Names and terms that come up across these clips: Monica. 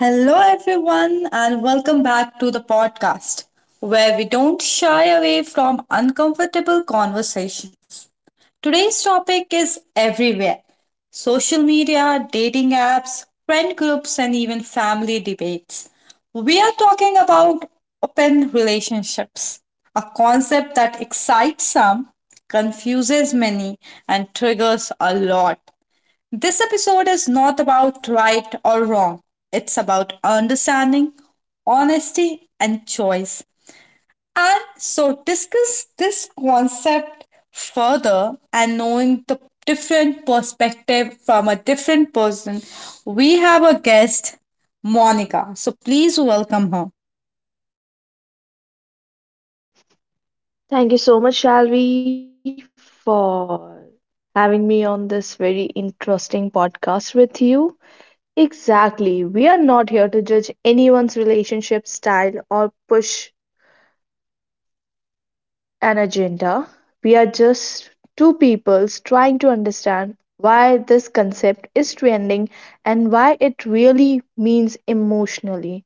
Hello, everyone, and welcome back to the podcast where we don't shy away from uncomfortable conversations. Today's topic is everywhere: social media, dating apps, friend groups, and even family debates. We are talking about open relationships, a concept that excites some, confuses many, and triggers a lot. This episode is not about right or wrong. It's about understanding, honesty, and choice. And so discuss this concept further and knowing the different perspective from a different person. We have a guest, Monica. So please welcome her. Thank you so much, Shalvi, for having me on this very interesting podcast with you. Exactly. We are not here to judge anyone's relationship style or push an agenda. We are just two peoples trying to understand why this concept is trending and why it really means emotionally.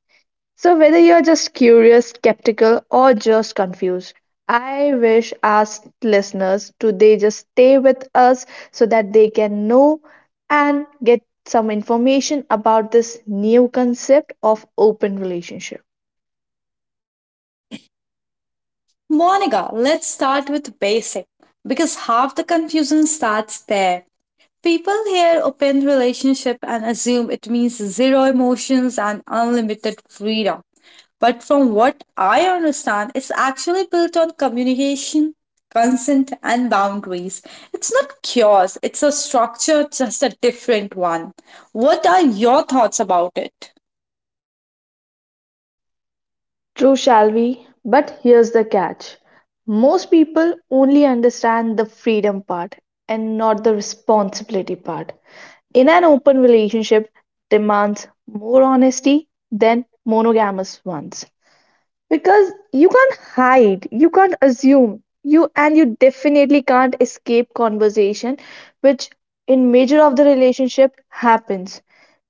So, whether you're just curious, skeptical, or just confused, I wish our listeners today just stay with us so that they can know and get some information about this new concept of open relationship. Monica, let's start with basic because half the confusion starts there. People hear open relationship and assume it means zero emotions and unlimited freedom. But from what I understand, it's actually built on communication, consent, and boundaries. It's not chaos, it's a structure, just a different one. What are your thoughts about it? True, shall we? But here's the catch most people only understand the freedom part and not the responsibility part. In an open relationship demands more honesty than monogamous ones. Because you can't hide, you can't assume, you definitely can't escape conversation, which in major of the relationship happens,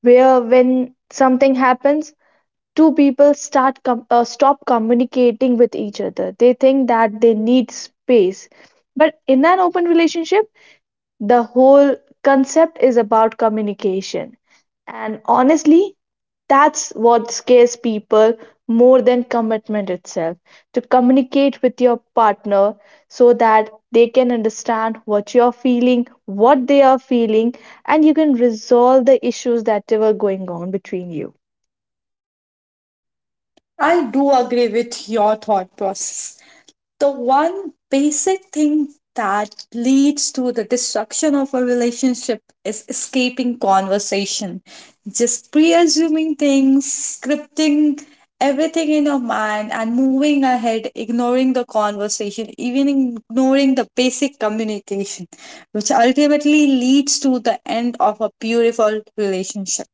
where when something happens, two people start stop communicating with each other. They think that they need space, but in an open relationship the whole concept is about communication. And honestly, that's what scares people more than commitment itself. To communicate with your partner so that they can understand what you're feeling, what they are feeling, and you can resolve the issues that were going on between you. I do agree with your thought process. The one basic thing that leads to the destruction of a relationship is escaping conversation, just pre-assuming things, scripting everything in your mind and moving ahead, ignoring the conversation, even ignoring the basic communication, which ultimately leads to the end of a beautiful relationship.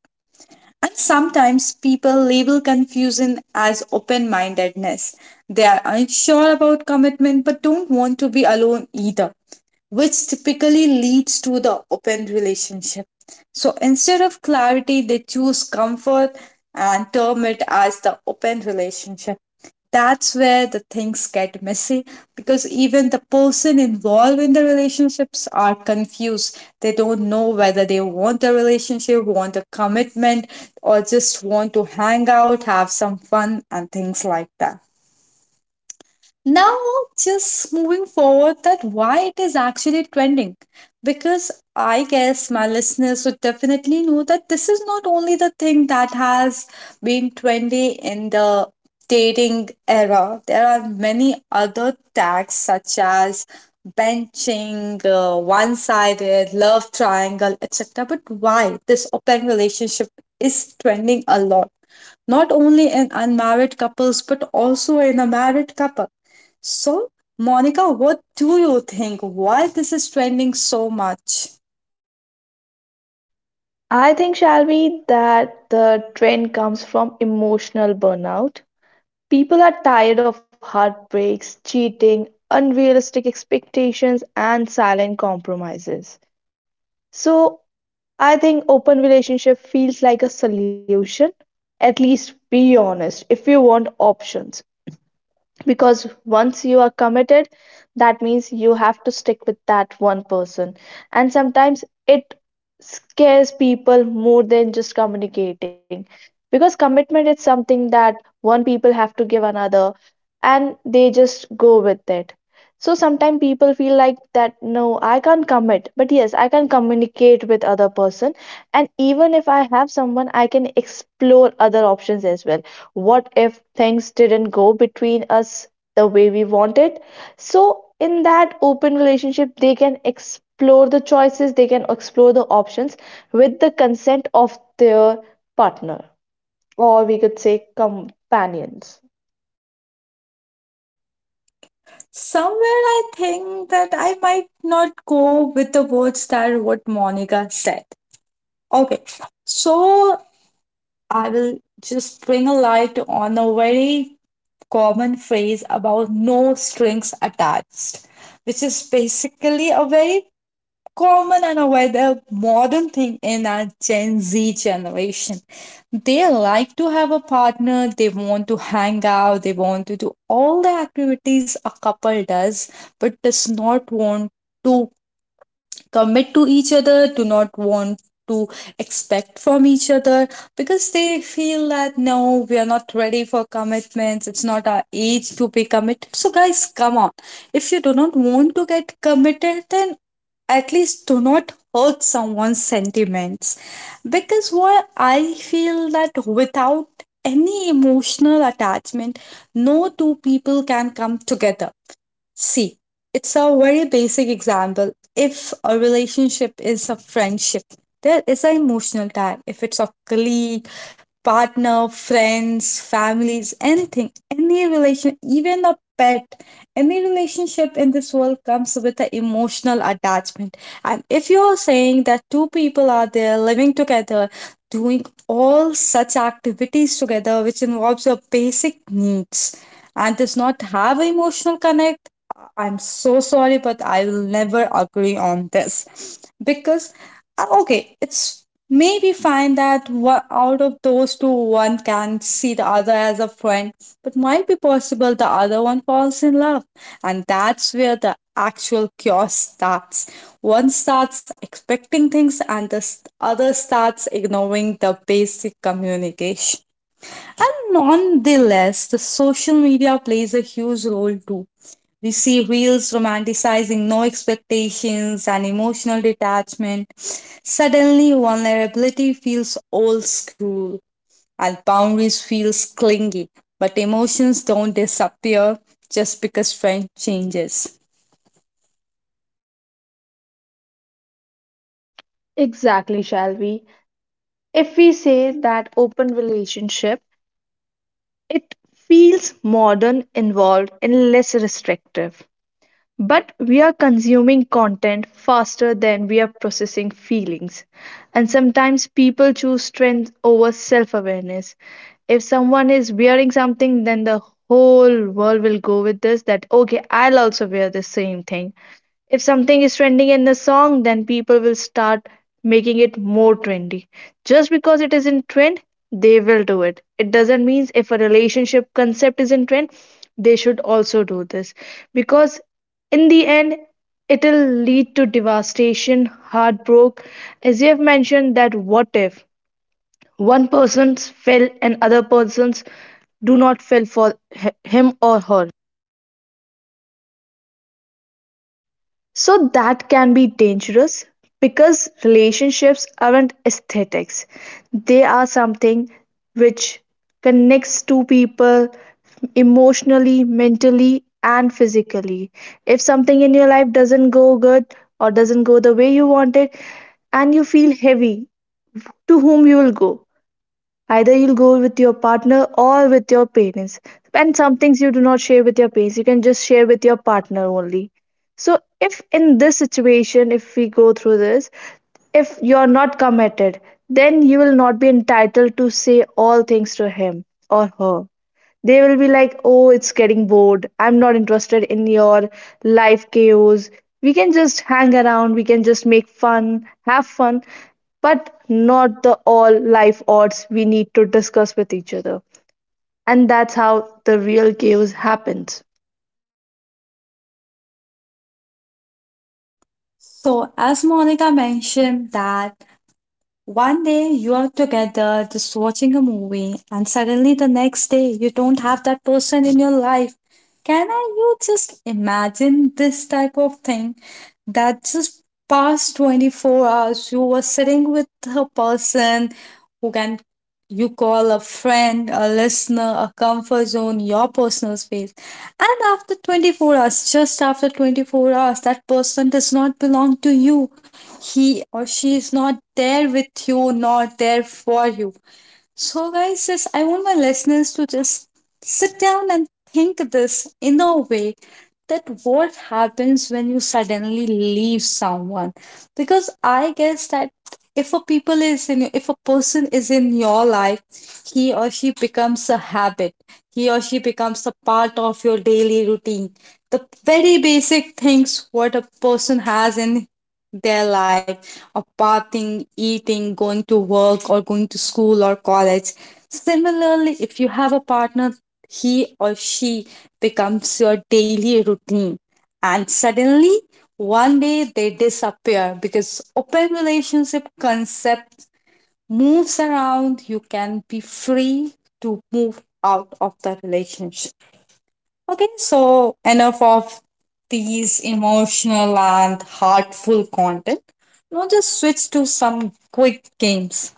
And sometimes people label confusion as open mindedness. They are unsure about commitment but don't want to be alone either, which typically leads to the open relationship. So instead of clarity, they choose comfort and term it as the open relationship. That's where the things get messy, because even the person involved in the relationships are confused. They don't know whether they want a relationship, want a commitment, or just want to hang out, have some fun and things like that. Now, just moving forward, that why it is actually trending, because I guess my listeners would definitely know that this is not only the thing that has been trendy in the dating era. There are many other tags such as benching, one-sided, love triangle, etc. But why this open relationship is trending a lot? Not only in unmarried couples but also in a married couple. So, Monica, what do you think? Why this is trending so much? I think, Shalvi, that the trend comes from emotional burnout. People are tired of heartbreaks, cheating, unrealistic expectations, and silent compromises. So, I think open relationship feels like a solution. At least be honest if you want options, because once you are committed that means you have to stick with that one person, and sometimes it scares people more than just communicating, because commitment is something that one people have to give another and they just go with it. So sometimes people feel like that no, I can't commit, but yes I can communicate with other person, and even if I have someone I can explore other options as well. What if things didn't go between us the way we wanted? So, in that open relationship, they can explore the choices, they can explore the options with the consent of their partner, or we could say companions. Somewhere I think that I might not go with the words that what Monica said. Okay, so I will just bring a light on a very common phrase about no strings attached, which is basically a very common and a rather modern thing in our Gen Z generation. They like to have a partner, they want to hang out, they want to do all the activities a couple does, but does not want to commit to each other, do not want to expect from each other, because they feel that no, we are not ready for commitments, it's not our age to be committed. So, guys, come on. If you do not want to get committed, then at least do not hurt someone's sentiments, because what I feel that without any emotional attachment, no two people can come together. See, it's a very basic example. If a relationship is a friendship, there is an emotional tag. If it's a colleague, partner, friends, families, anything, any relation, even a pet, any relationship in this world comes with an emotional attachment. And if you're saying that two people are there living together, doing all such activities together, which involves your basic needs, and does not have emotional connect, I'm so sorry, but I will never agree on this. Because, okay, it's, may we find that out of those two, one can see the other as a friend, but might be possible the other one falls in love. And that's where the actual cure starts. One starts expecting things, and the other starts ignoring the basic communication. And nonetheless, the social media plays a huge role too. We see reels romanticizing no expectations and emotional detachment. Suddenly, vulnerability feels old school and boundaries feels clingy. But emotions don't disappear just because trend changes. Exactly, Shalvi. If we say that open relationship, it feels modern, involved, and less restrictive. But we are consuming content faster than we are processing feelings. And sometimes people choose trends over self awareness. If someone is wearing something, then the whole world will go with this that, okay, I'll also wear the same thing. If something is trending in the song, then people will start making it more trendy. Just because it is in trend, they will do it. It doesn't mean if a relationship concept is in trend, they should also do this. Because in the end, it'll lead to devastation, heartbreak. As you have mentioned, that what if one person's fell and other person's do not fell for him or her. So that can be dangerous because relationships aren't aesthetics. They are something which connects two people emotionally, mentally, and physically. If something in your life doesn't go good or doesn't go the way you want it, and you feel heavy, to whom you will go? Either you'll go with your partner or with your parents. And some things you do not share with your parents, you can just share with your partner only. So, if in this situation, if we go through this, if you are not committed, then you will not be entitled to say all things to him or her. They will be like, oh, it's getting bored. I'm not interested in your life chaos. We can just hang around, we can just make fun, have fun, but not the all life odds we need to discuss with each other. And that's how the real chaos happens. So, as Monica mentioned, that one day you are together just watching a movie, and suddenly the next day you don't have that person in your life. Can I you just imagine this type of thing, that just past 24 hours you were sitting with a person who can you call a friend, a listener, a comfort zone, your personal space. And after 24 hours, just after 24 hours, that person does not belong to you. He or she is not there with you, not there for you. So, guys, just I want my listeners to just sit down and think this in a way that what happens when you suddenly leave someone, because I guess that if a people is in if a person is in your life, he or she becomes a habit, he or she becomes a part of your daily routine. The very basic things what a person has in their life of bathing, eating, going to work, or going to school or college. Similarly, if you have a partner, he or she becomes your daily routine. And suddenly, one day they disappear because open relationship concept moves around. You can be free to move out of the relationship. Okay, so enough of these emotional and heartful content. Now just switch to some quick games.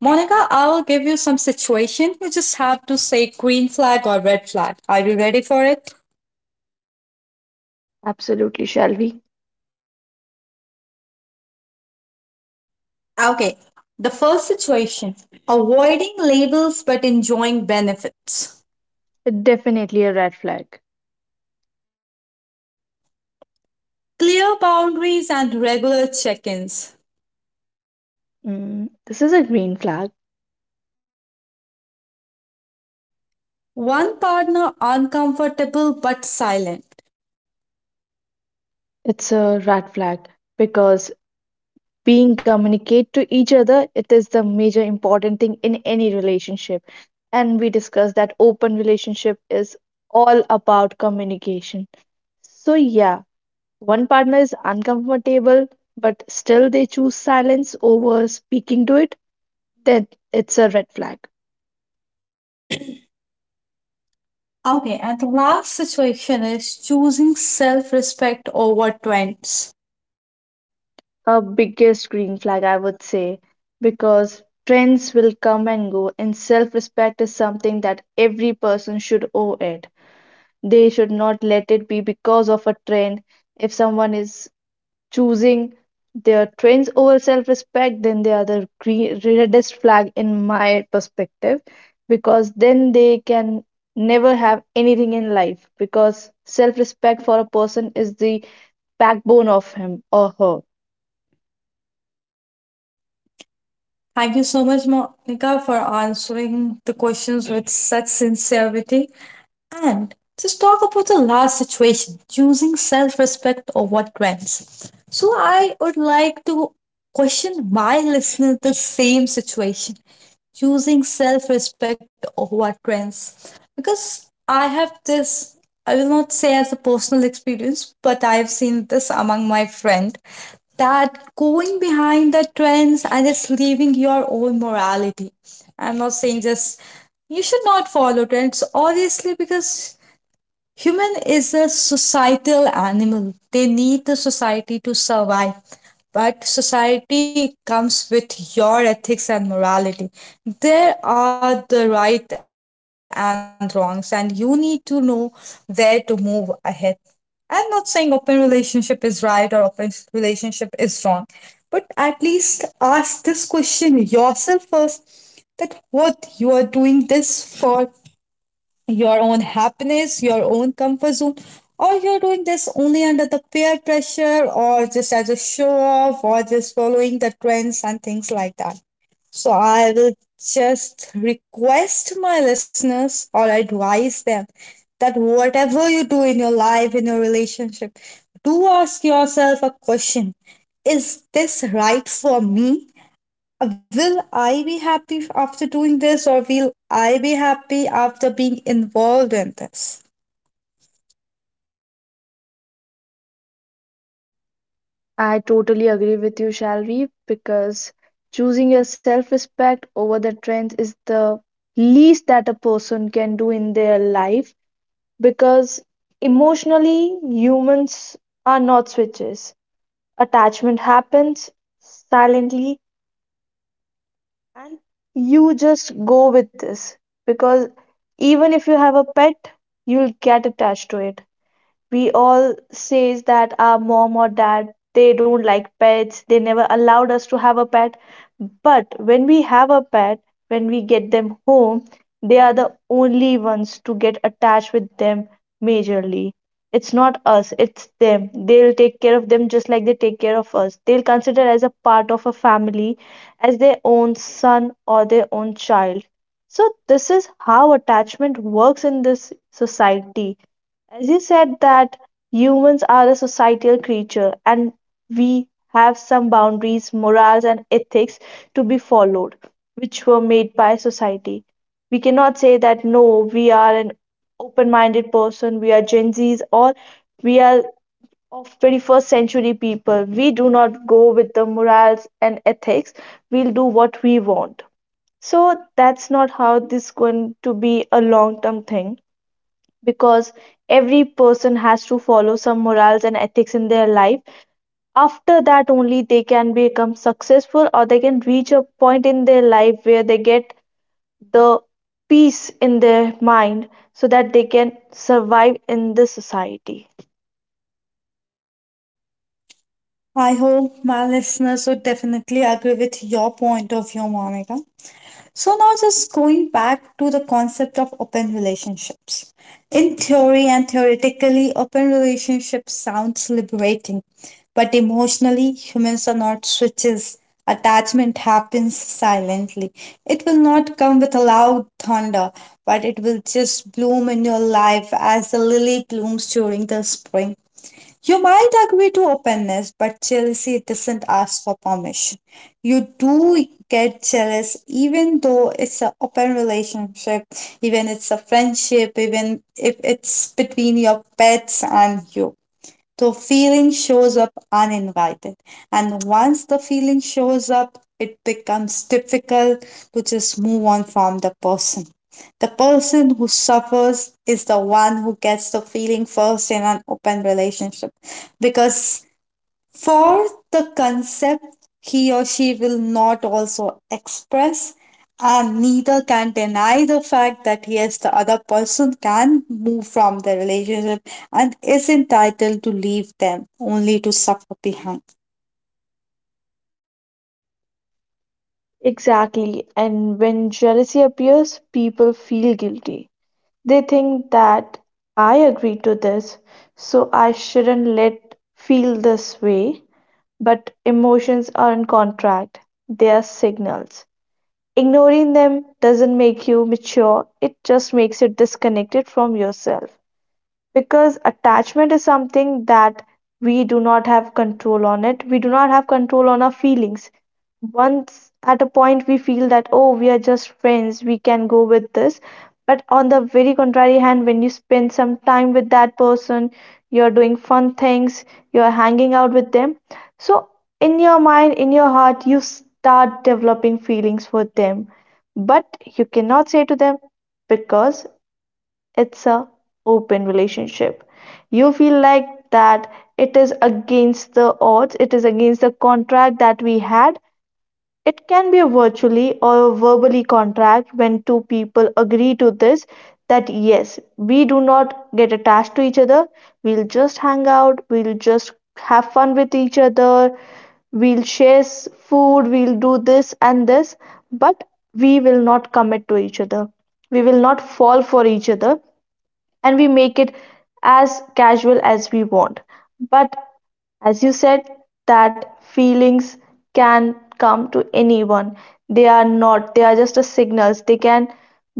Monica, I'll give you some situation. You just have to say green flag or red flag. Are you ready for it? Absolutely, shall we? Okay. The first situation, avoiding labels but enjoying benefits. Definitely a red flag. Clear boundaries and regular check ins. Mm, this is a green flag. One partner uncomfortable but silent. It's a red flag because being communicate to each other it is the major important thing in any relationship, and we discussed that open relationship is all about communication. So yeah, one partner is uncomfortable but still they choose silence over speaking to it, then it's a red flag. Okay, and the last situation is choosing self respect over trends. A biggest green flag I would say, because trends will come and go and self-respect is something that every person should owe it. They should not let it be because of a trend. If someone is choosing their trends over self respect, then they are the reddest flag in my perspective, because then they can never have anything in life, because self respect for a person is the backbone of him or her. Thank you so much, Monica, for answering the questions with such sincerity. And just talk about the last situation, choosing self respect over trends. So, I would like to question my listener the same situation, choosing self respect over trends. Because I have this, I will not say as a personal experience, but I've seen this among my friend, that going behind the trends and just leaving your own morality. I'm not saying just you should not follow trends, obviously, because human is a societal animal. They need the society to survive. But society comes with your ethics and morality. There are the right and wrongs, and you need to know where to move ahead. I'm not saying open relationship is right or open relationship is wrong, but at least ask this question yourself first, that what you are doing this for. Your own happiness, your own comfort zone, or you're doing this only under the peer pressure or just as a show off or just following the trends and things like that. So I will just request my listeners or advise them that whatever you do in your life, in your relationship, do ask yourself a question. Is this right for me? Will I be happy after doing this or will I be happy after being involved in this? I totally agree with you, Shalvi, because choosing your self respect over the trends is the least that a person can do in their life, because emotionally humans are not switches, attachment happens silently, and you just go with this because even if you have a pet you'll get attached to it. We all says that our mom or dad they don't like pets, they never allowed us to have a pet, but when we have a pet, when we get them home, they are the only ones to get attached with them. Majorly, it's not us, it's them, they'll take care of them just like they take care of us, they'll consider as a part of a family, as their own son or their own child. So this is how attachment works in this society. As you said, that humans are a societal creature and we have some boundaries, morals, and ethics to be followed, which were made by society. We cannot say that no, we are an open minded person, we are Gen Zs, or we are of 21st century people. We do not go with the morals and ethics, we'll do what we want. So that's not how this going to be a long term thing, because every person has to follow some morals and ethics in their life. After that, only they can become successful or they can reach a point in their life where they get the peace in their mind so that they can survive in the society. I hope my listeners would definitely agree with your point of view, Monica. So now just going back to the concept of open relationships. In theory and theoretically, open relationships sounds liberating, but emotionally, humans are not switches. Attachment happens silently. It will not come with a loud thunder, but it will just bloom in your life as the lily blooms during the spring. You might agree to openness, but jealousy doesn't ask for permission. You do get jealous even though it's an open relationship, even it's a friendship, even if it's between your pets and you, the feeling shows up uninvited. And once the feeling shows up, it becomes difficult to just move on from the person. The person who suffers is the one who gets the feeling first in an open relationship, because for the concept he or she will not also express, and neither can deny the fact that yes the other person can move from the relationship and is entitled to leave them only to suffer behind. Exactly. And when jealousy appears, people feel guilty. They think that I agreed to this, so I shouldn't let feel this way. But emotions aren't contract, they are signals. Ignoring them doesn't make you mature, it just makes you disconnected from yourself, because attachment is something that we do not have control on it, we do not have control on our feelings. Once at a point we feel that oh we are just friends, we can go with this, but on the very contrary hand when you spend some time with that person, you're doing fun things, you're hanging out with them, so in your mind, in your heart, you start developing feelings for them. But you cannot say to them because it's a open relationship. You feel like that it is against the odds, it is against the contract that we had. It can be a virtually or a verbally contract when two people agree to this, that yes we do not get attached to each other, we'll just hang out, we'll just have fun with each other, we'll share food, we'll do this and this, but we will not commit to each other, we will not fall for each other, and we make it as casual as we want. But as you said, that feelings can come to anyone. They are not, they are just a signals. They can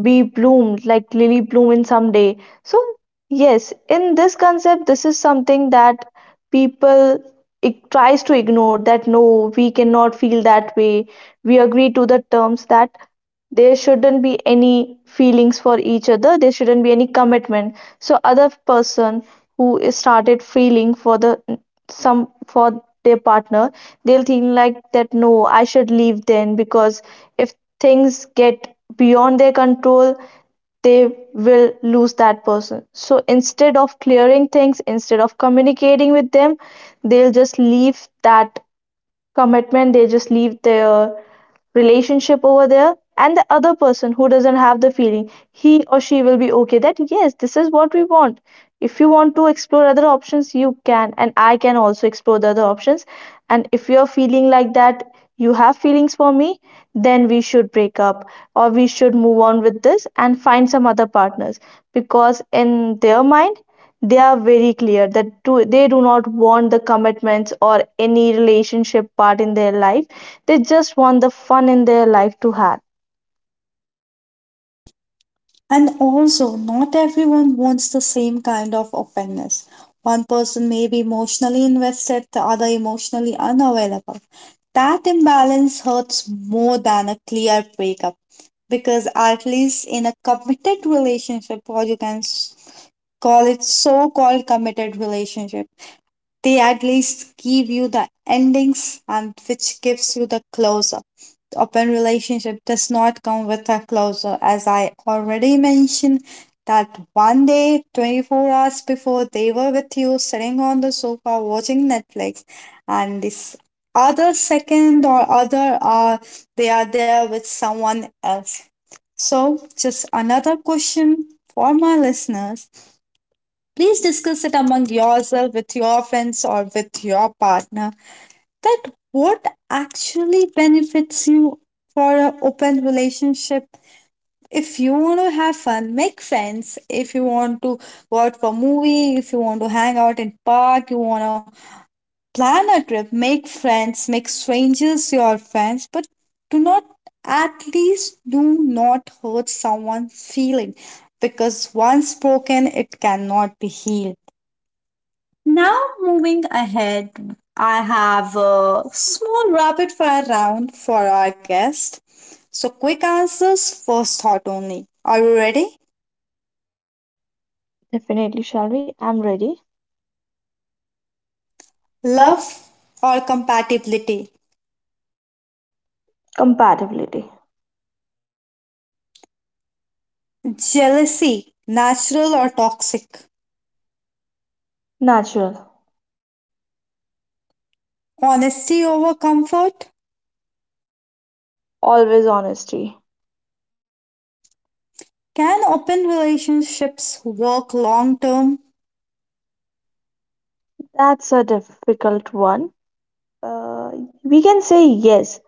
be bloomed like lily bloom in some day. So yes, in this concept, this is something that people it tries to ignore that no, we cannot feel that way. We agree to the terms that there shouldn't be any feelings for each other, there shouldn't be any commitment, so other person who is started feeling for the some for their partner, they'll think like that no I should leave then, because if things get beyond their control they will lose that person. So instead of clearing things, instead of communicating with them, they'll just leave that commitment, they just leave their relationship over there, and the other person who doesn't have the feeling he or she will be okay that yes this is what we want. If you want to explore other options you can, and I can also explore the other options, and if you're feeling like that you have feelings for me, then we should break up or we should move on with this and find some other partners, because in their mind they are very clear that they do not want the commitments or any relationship part in their life, they just want the fun in their life to have. And also, not everyone wants the same kind of openness. One person may be emotionally invested, the other emotionally unavailable. That imbalance hurts more than a clear breakup, because, at least in a committed relationship, or you can call it so called committed relationship, they at least give you the endings and which gives you the closure. The open relationship does not come with a closure. As I already mentioned, that one day, 24 hours before, they were with you sitting on the sofa watching Netflix, and this other second or other hour, they are there with someone else. So, just another question for my listeners. Please discuss it among yourself, with your friends, or with your partner, that what actually benefits you for an open relationship. If you want to have fun, make friends. If you want to go out for a movie, if you want to hang out in park, you want to plan a trip, make friends, make strangers your friends, but do not, at least do not hurt someone's feeling, because once broken it cannot be healed. Now, moving ahead, I have a small rapid fire round for our guest. So, quick answers, first thought only. Are you ready? Definitely shall we, I'm ready. Love. Love or compatibility? Compatibility. Jealousy, natural or toxic? Natural. Honesty over comfort? Always honesty. Can open relationships work long term? That's a difficult one. uh, we can say yes,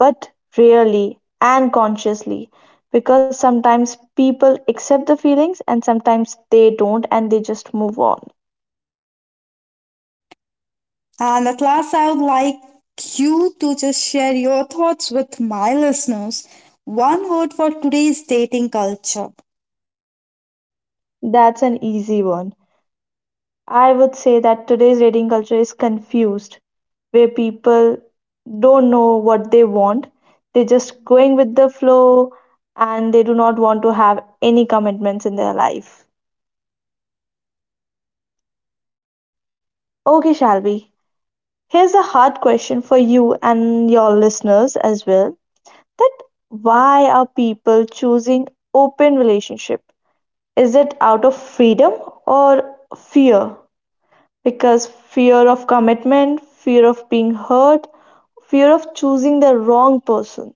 but rarely and consciously, because sometimes people accept the feelings and sometimes they don't and they just move on. And at last, I would like you to just share your thoughts with my listeners. One word for today's dating culture. That's an easy one. I would say that today's dating culture is confused, where people don't know what they want. They're just going with the flow and they do not want to have any commitments in their life. Okay, Shalvi, here's a hard question for you and your listeners as well. That why are people choosing open relationship? Is it out of freedom or fear? Because fear of commitment, fear of being hurt, fear of choosing the wrong person.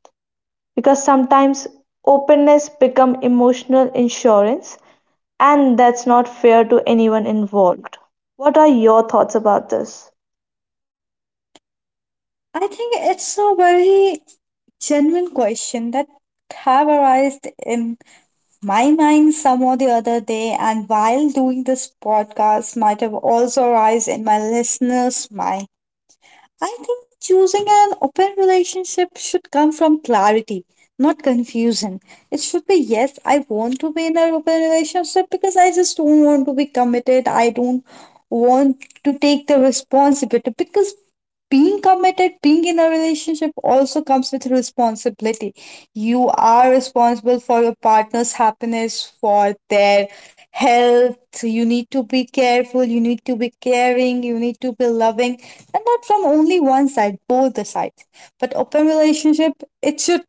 Because sometimes openness become emotional insurance and that's not fair to anyone involved. What are your thoughts about this? I think it's a very genuine question that have arised in my mind some or the other day, and while doing this podcast might have also arise in my listeners mind. I think choosing an open relationship should come from clarity, not confusion. It should be yes, I want to be in an open relationship because I just don't want to be committed. I don't want to take the responsibility because being committed, being in a relationship also comes with responsibility. You are responsible for your partner's happiness, for their health. You need to be careful, you need to be caring, you need to be loving, and not from only one side, both the sides. But open relationship, it should,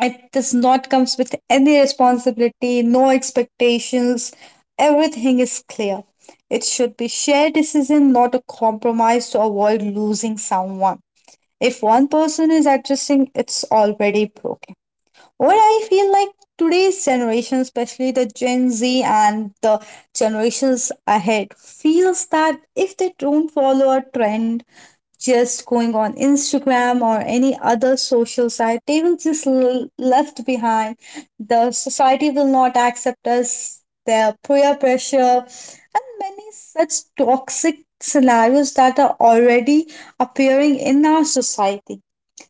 it does not comes with any responsibility, no expectations. Everything is clear. It should be shared decision, not a compromise to avoid losing someone. If one person is adjusting, it's already broken. What I feel like, today's generation, especially the Gen Z and the generations ahead, feels that if they don't follow a trend, just going on Instagram or any other social site, they will just left behind. The society will not accept us. Their peer pressure, many such toxic scenarios that are already appearing in our society.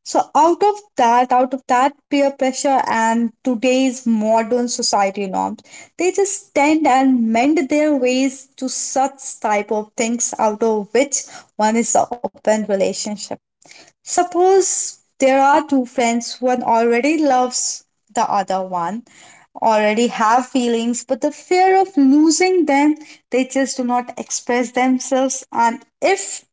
So out of that peer pressure and today's modern society norms, they just tend and mend their ways to such type of things, out of which one is the open relationship. Suppose there are two friends, one already loves the other one, already have feelings, but the fear of losing them, they just do not express themselves. And if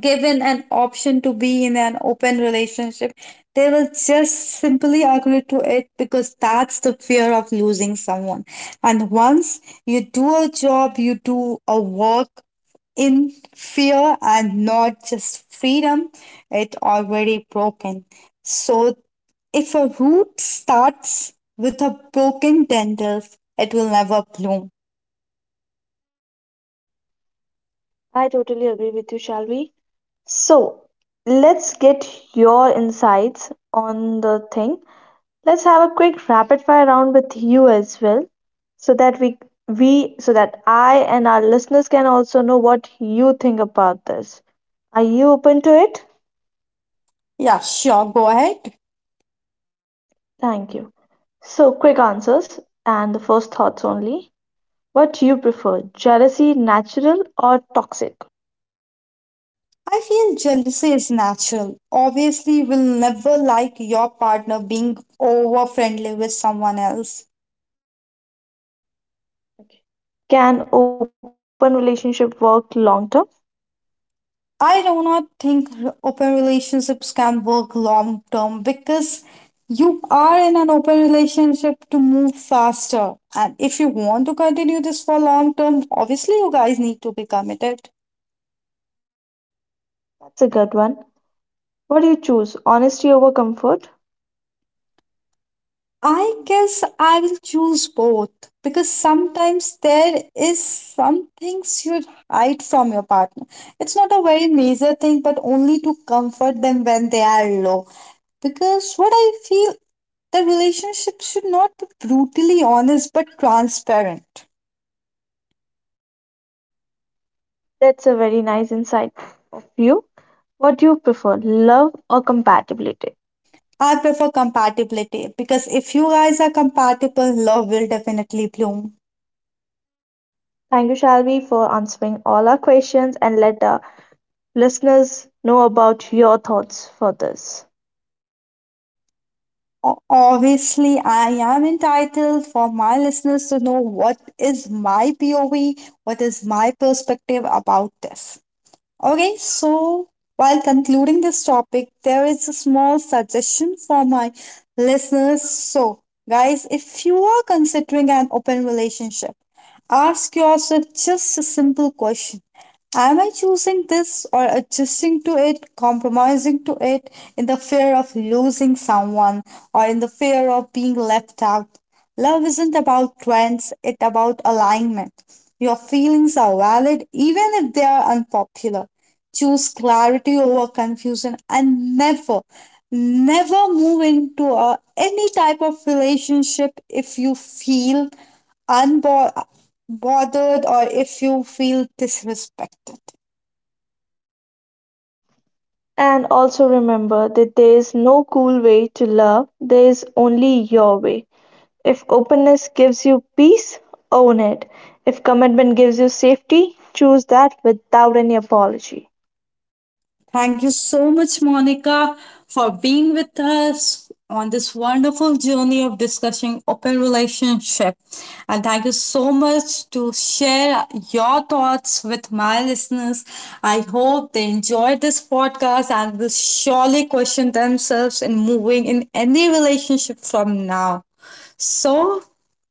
given an option to be in an open relationship, they will just simply agree to it because that's the fear of losing someone. And once you do a job, you do a work in fear and not just freedom, it already broken. So if a root starts with a broken tendrils, it will never bloom. I totally agree with you, shall we? So, let's get your insights on the thing. Let's have a quick rapid fire round with you as well, so that we so that I and our listeners can also know what you think about this. Are you open to it? Yeah, sure, go ahead. Thank you. So quick answers and the first thoughts only. What do you prefer? Jealousy natural or toxic? I feel jealousy is natural. Obviously, you will never like your partner being over friendly with someone else. Okay. Can open relationship work long term? I do not think open relationships can work long term, because you are in an open relationship to move faster. And if you want to continue this for long term, obviously, you guys need to be committed. That's a good one. What do you choose? Honesty over comfort? I guess I will choose both, because sometimes there is some things you hide from your partner. It's not a very major thing, but only to comfort them when they are low. Because what I feel, the relationship should not be brutally honest but transparent. That's a very nice insight of you. What do you prefer, love or compatibility? I prefer compatibility because if you guys are compatible, love will definitely bloom. Thank you, Shalvi, for answering all our questions and let the listeners know about your thoughts for this. Obviously, I am entitled for my listeners to know what is my POV, what is my perspective about this. Okay, so while concluding this topic, there is a small suggestion for my listeners. So, guys, if you are considering an open relationship, ask yourself just a simple question. Am I choosing this or adjusting to it, compromising to it, in the fear of losing someone or in the fear of being left out? Love isn't about trends, it's about alignment. Your feelings are valid even if they are unpopular. Choose clarity over confusion, and never, never move into any type of relationship if you feel unbothered or if you feel disrespected. And also remember that there is no cool way to love, there is only your way. If openness gives you peace, own it. If commitment gives you safety, choose that without any apology. Thank you so much, Monica, for being with us on this wonderful journey of discussing open relationship. And thank you so much to share your thoughts with my listeners. I hope they enjoyed this podcast and will surely question themselves in moving in any relationship from now. So,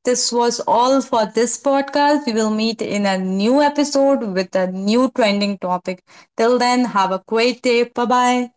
this was all for this podcast. We will meet in a new episode with a new trending topic. Till then, have a great day. Bye bye.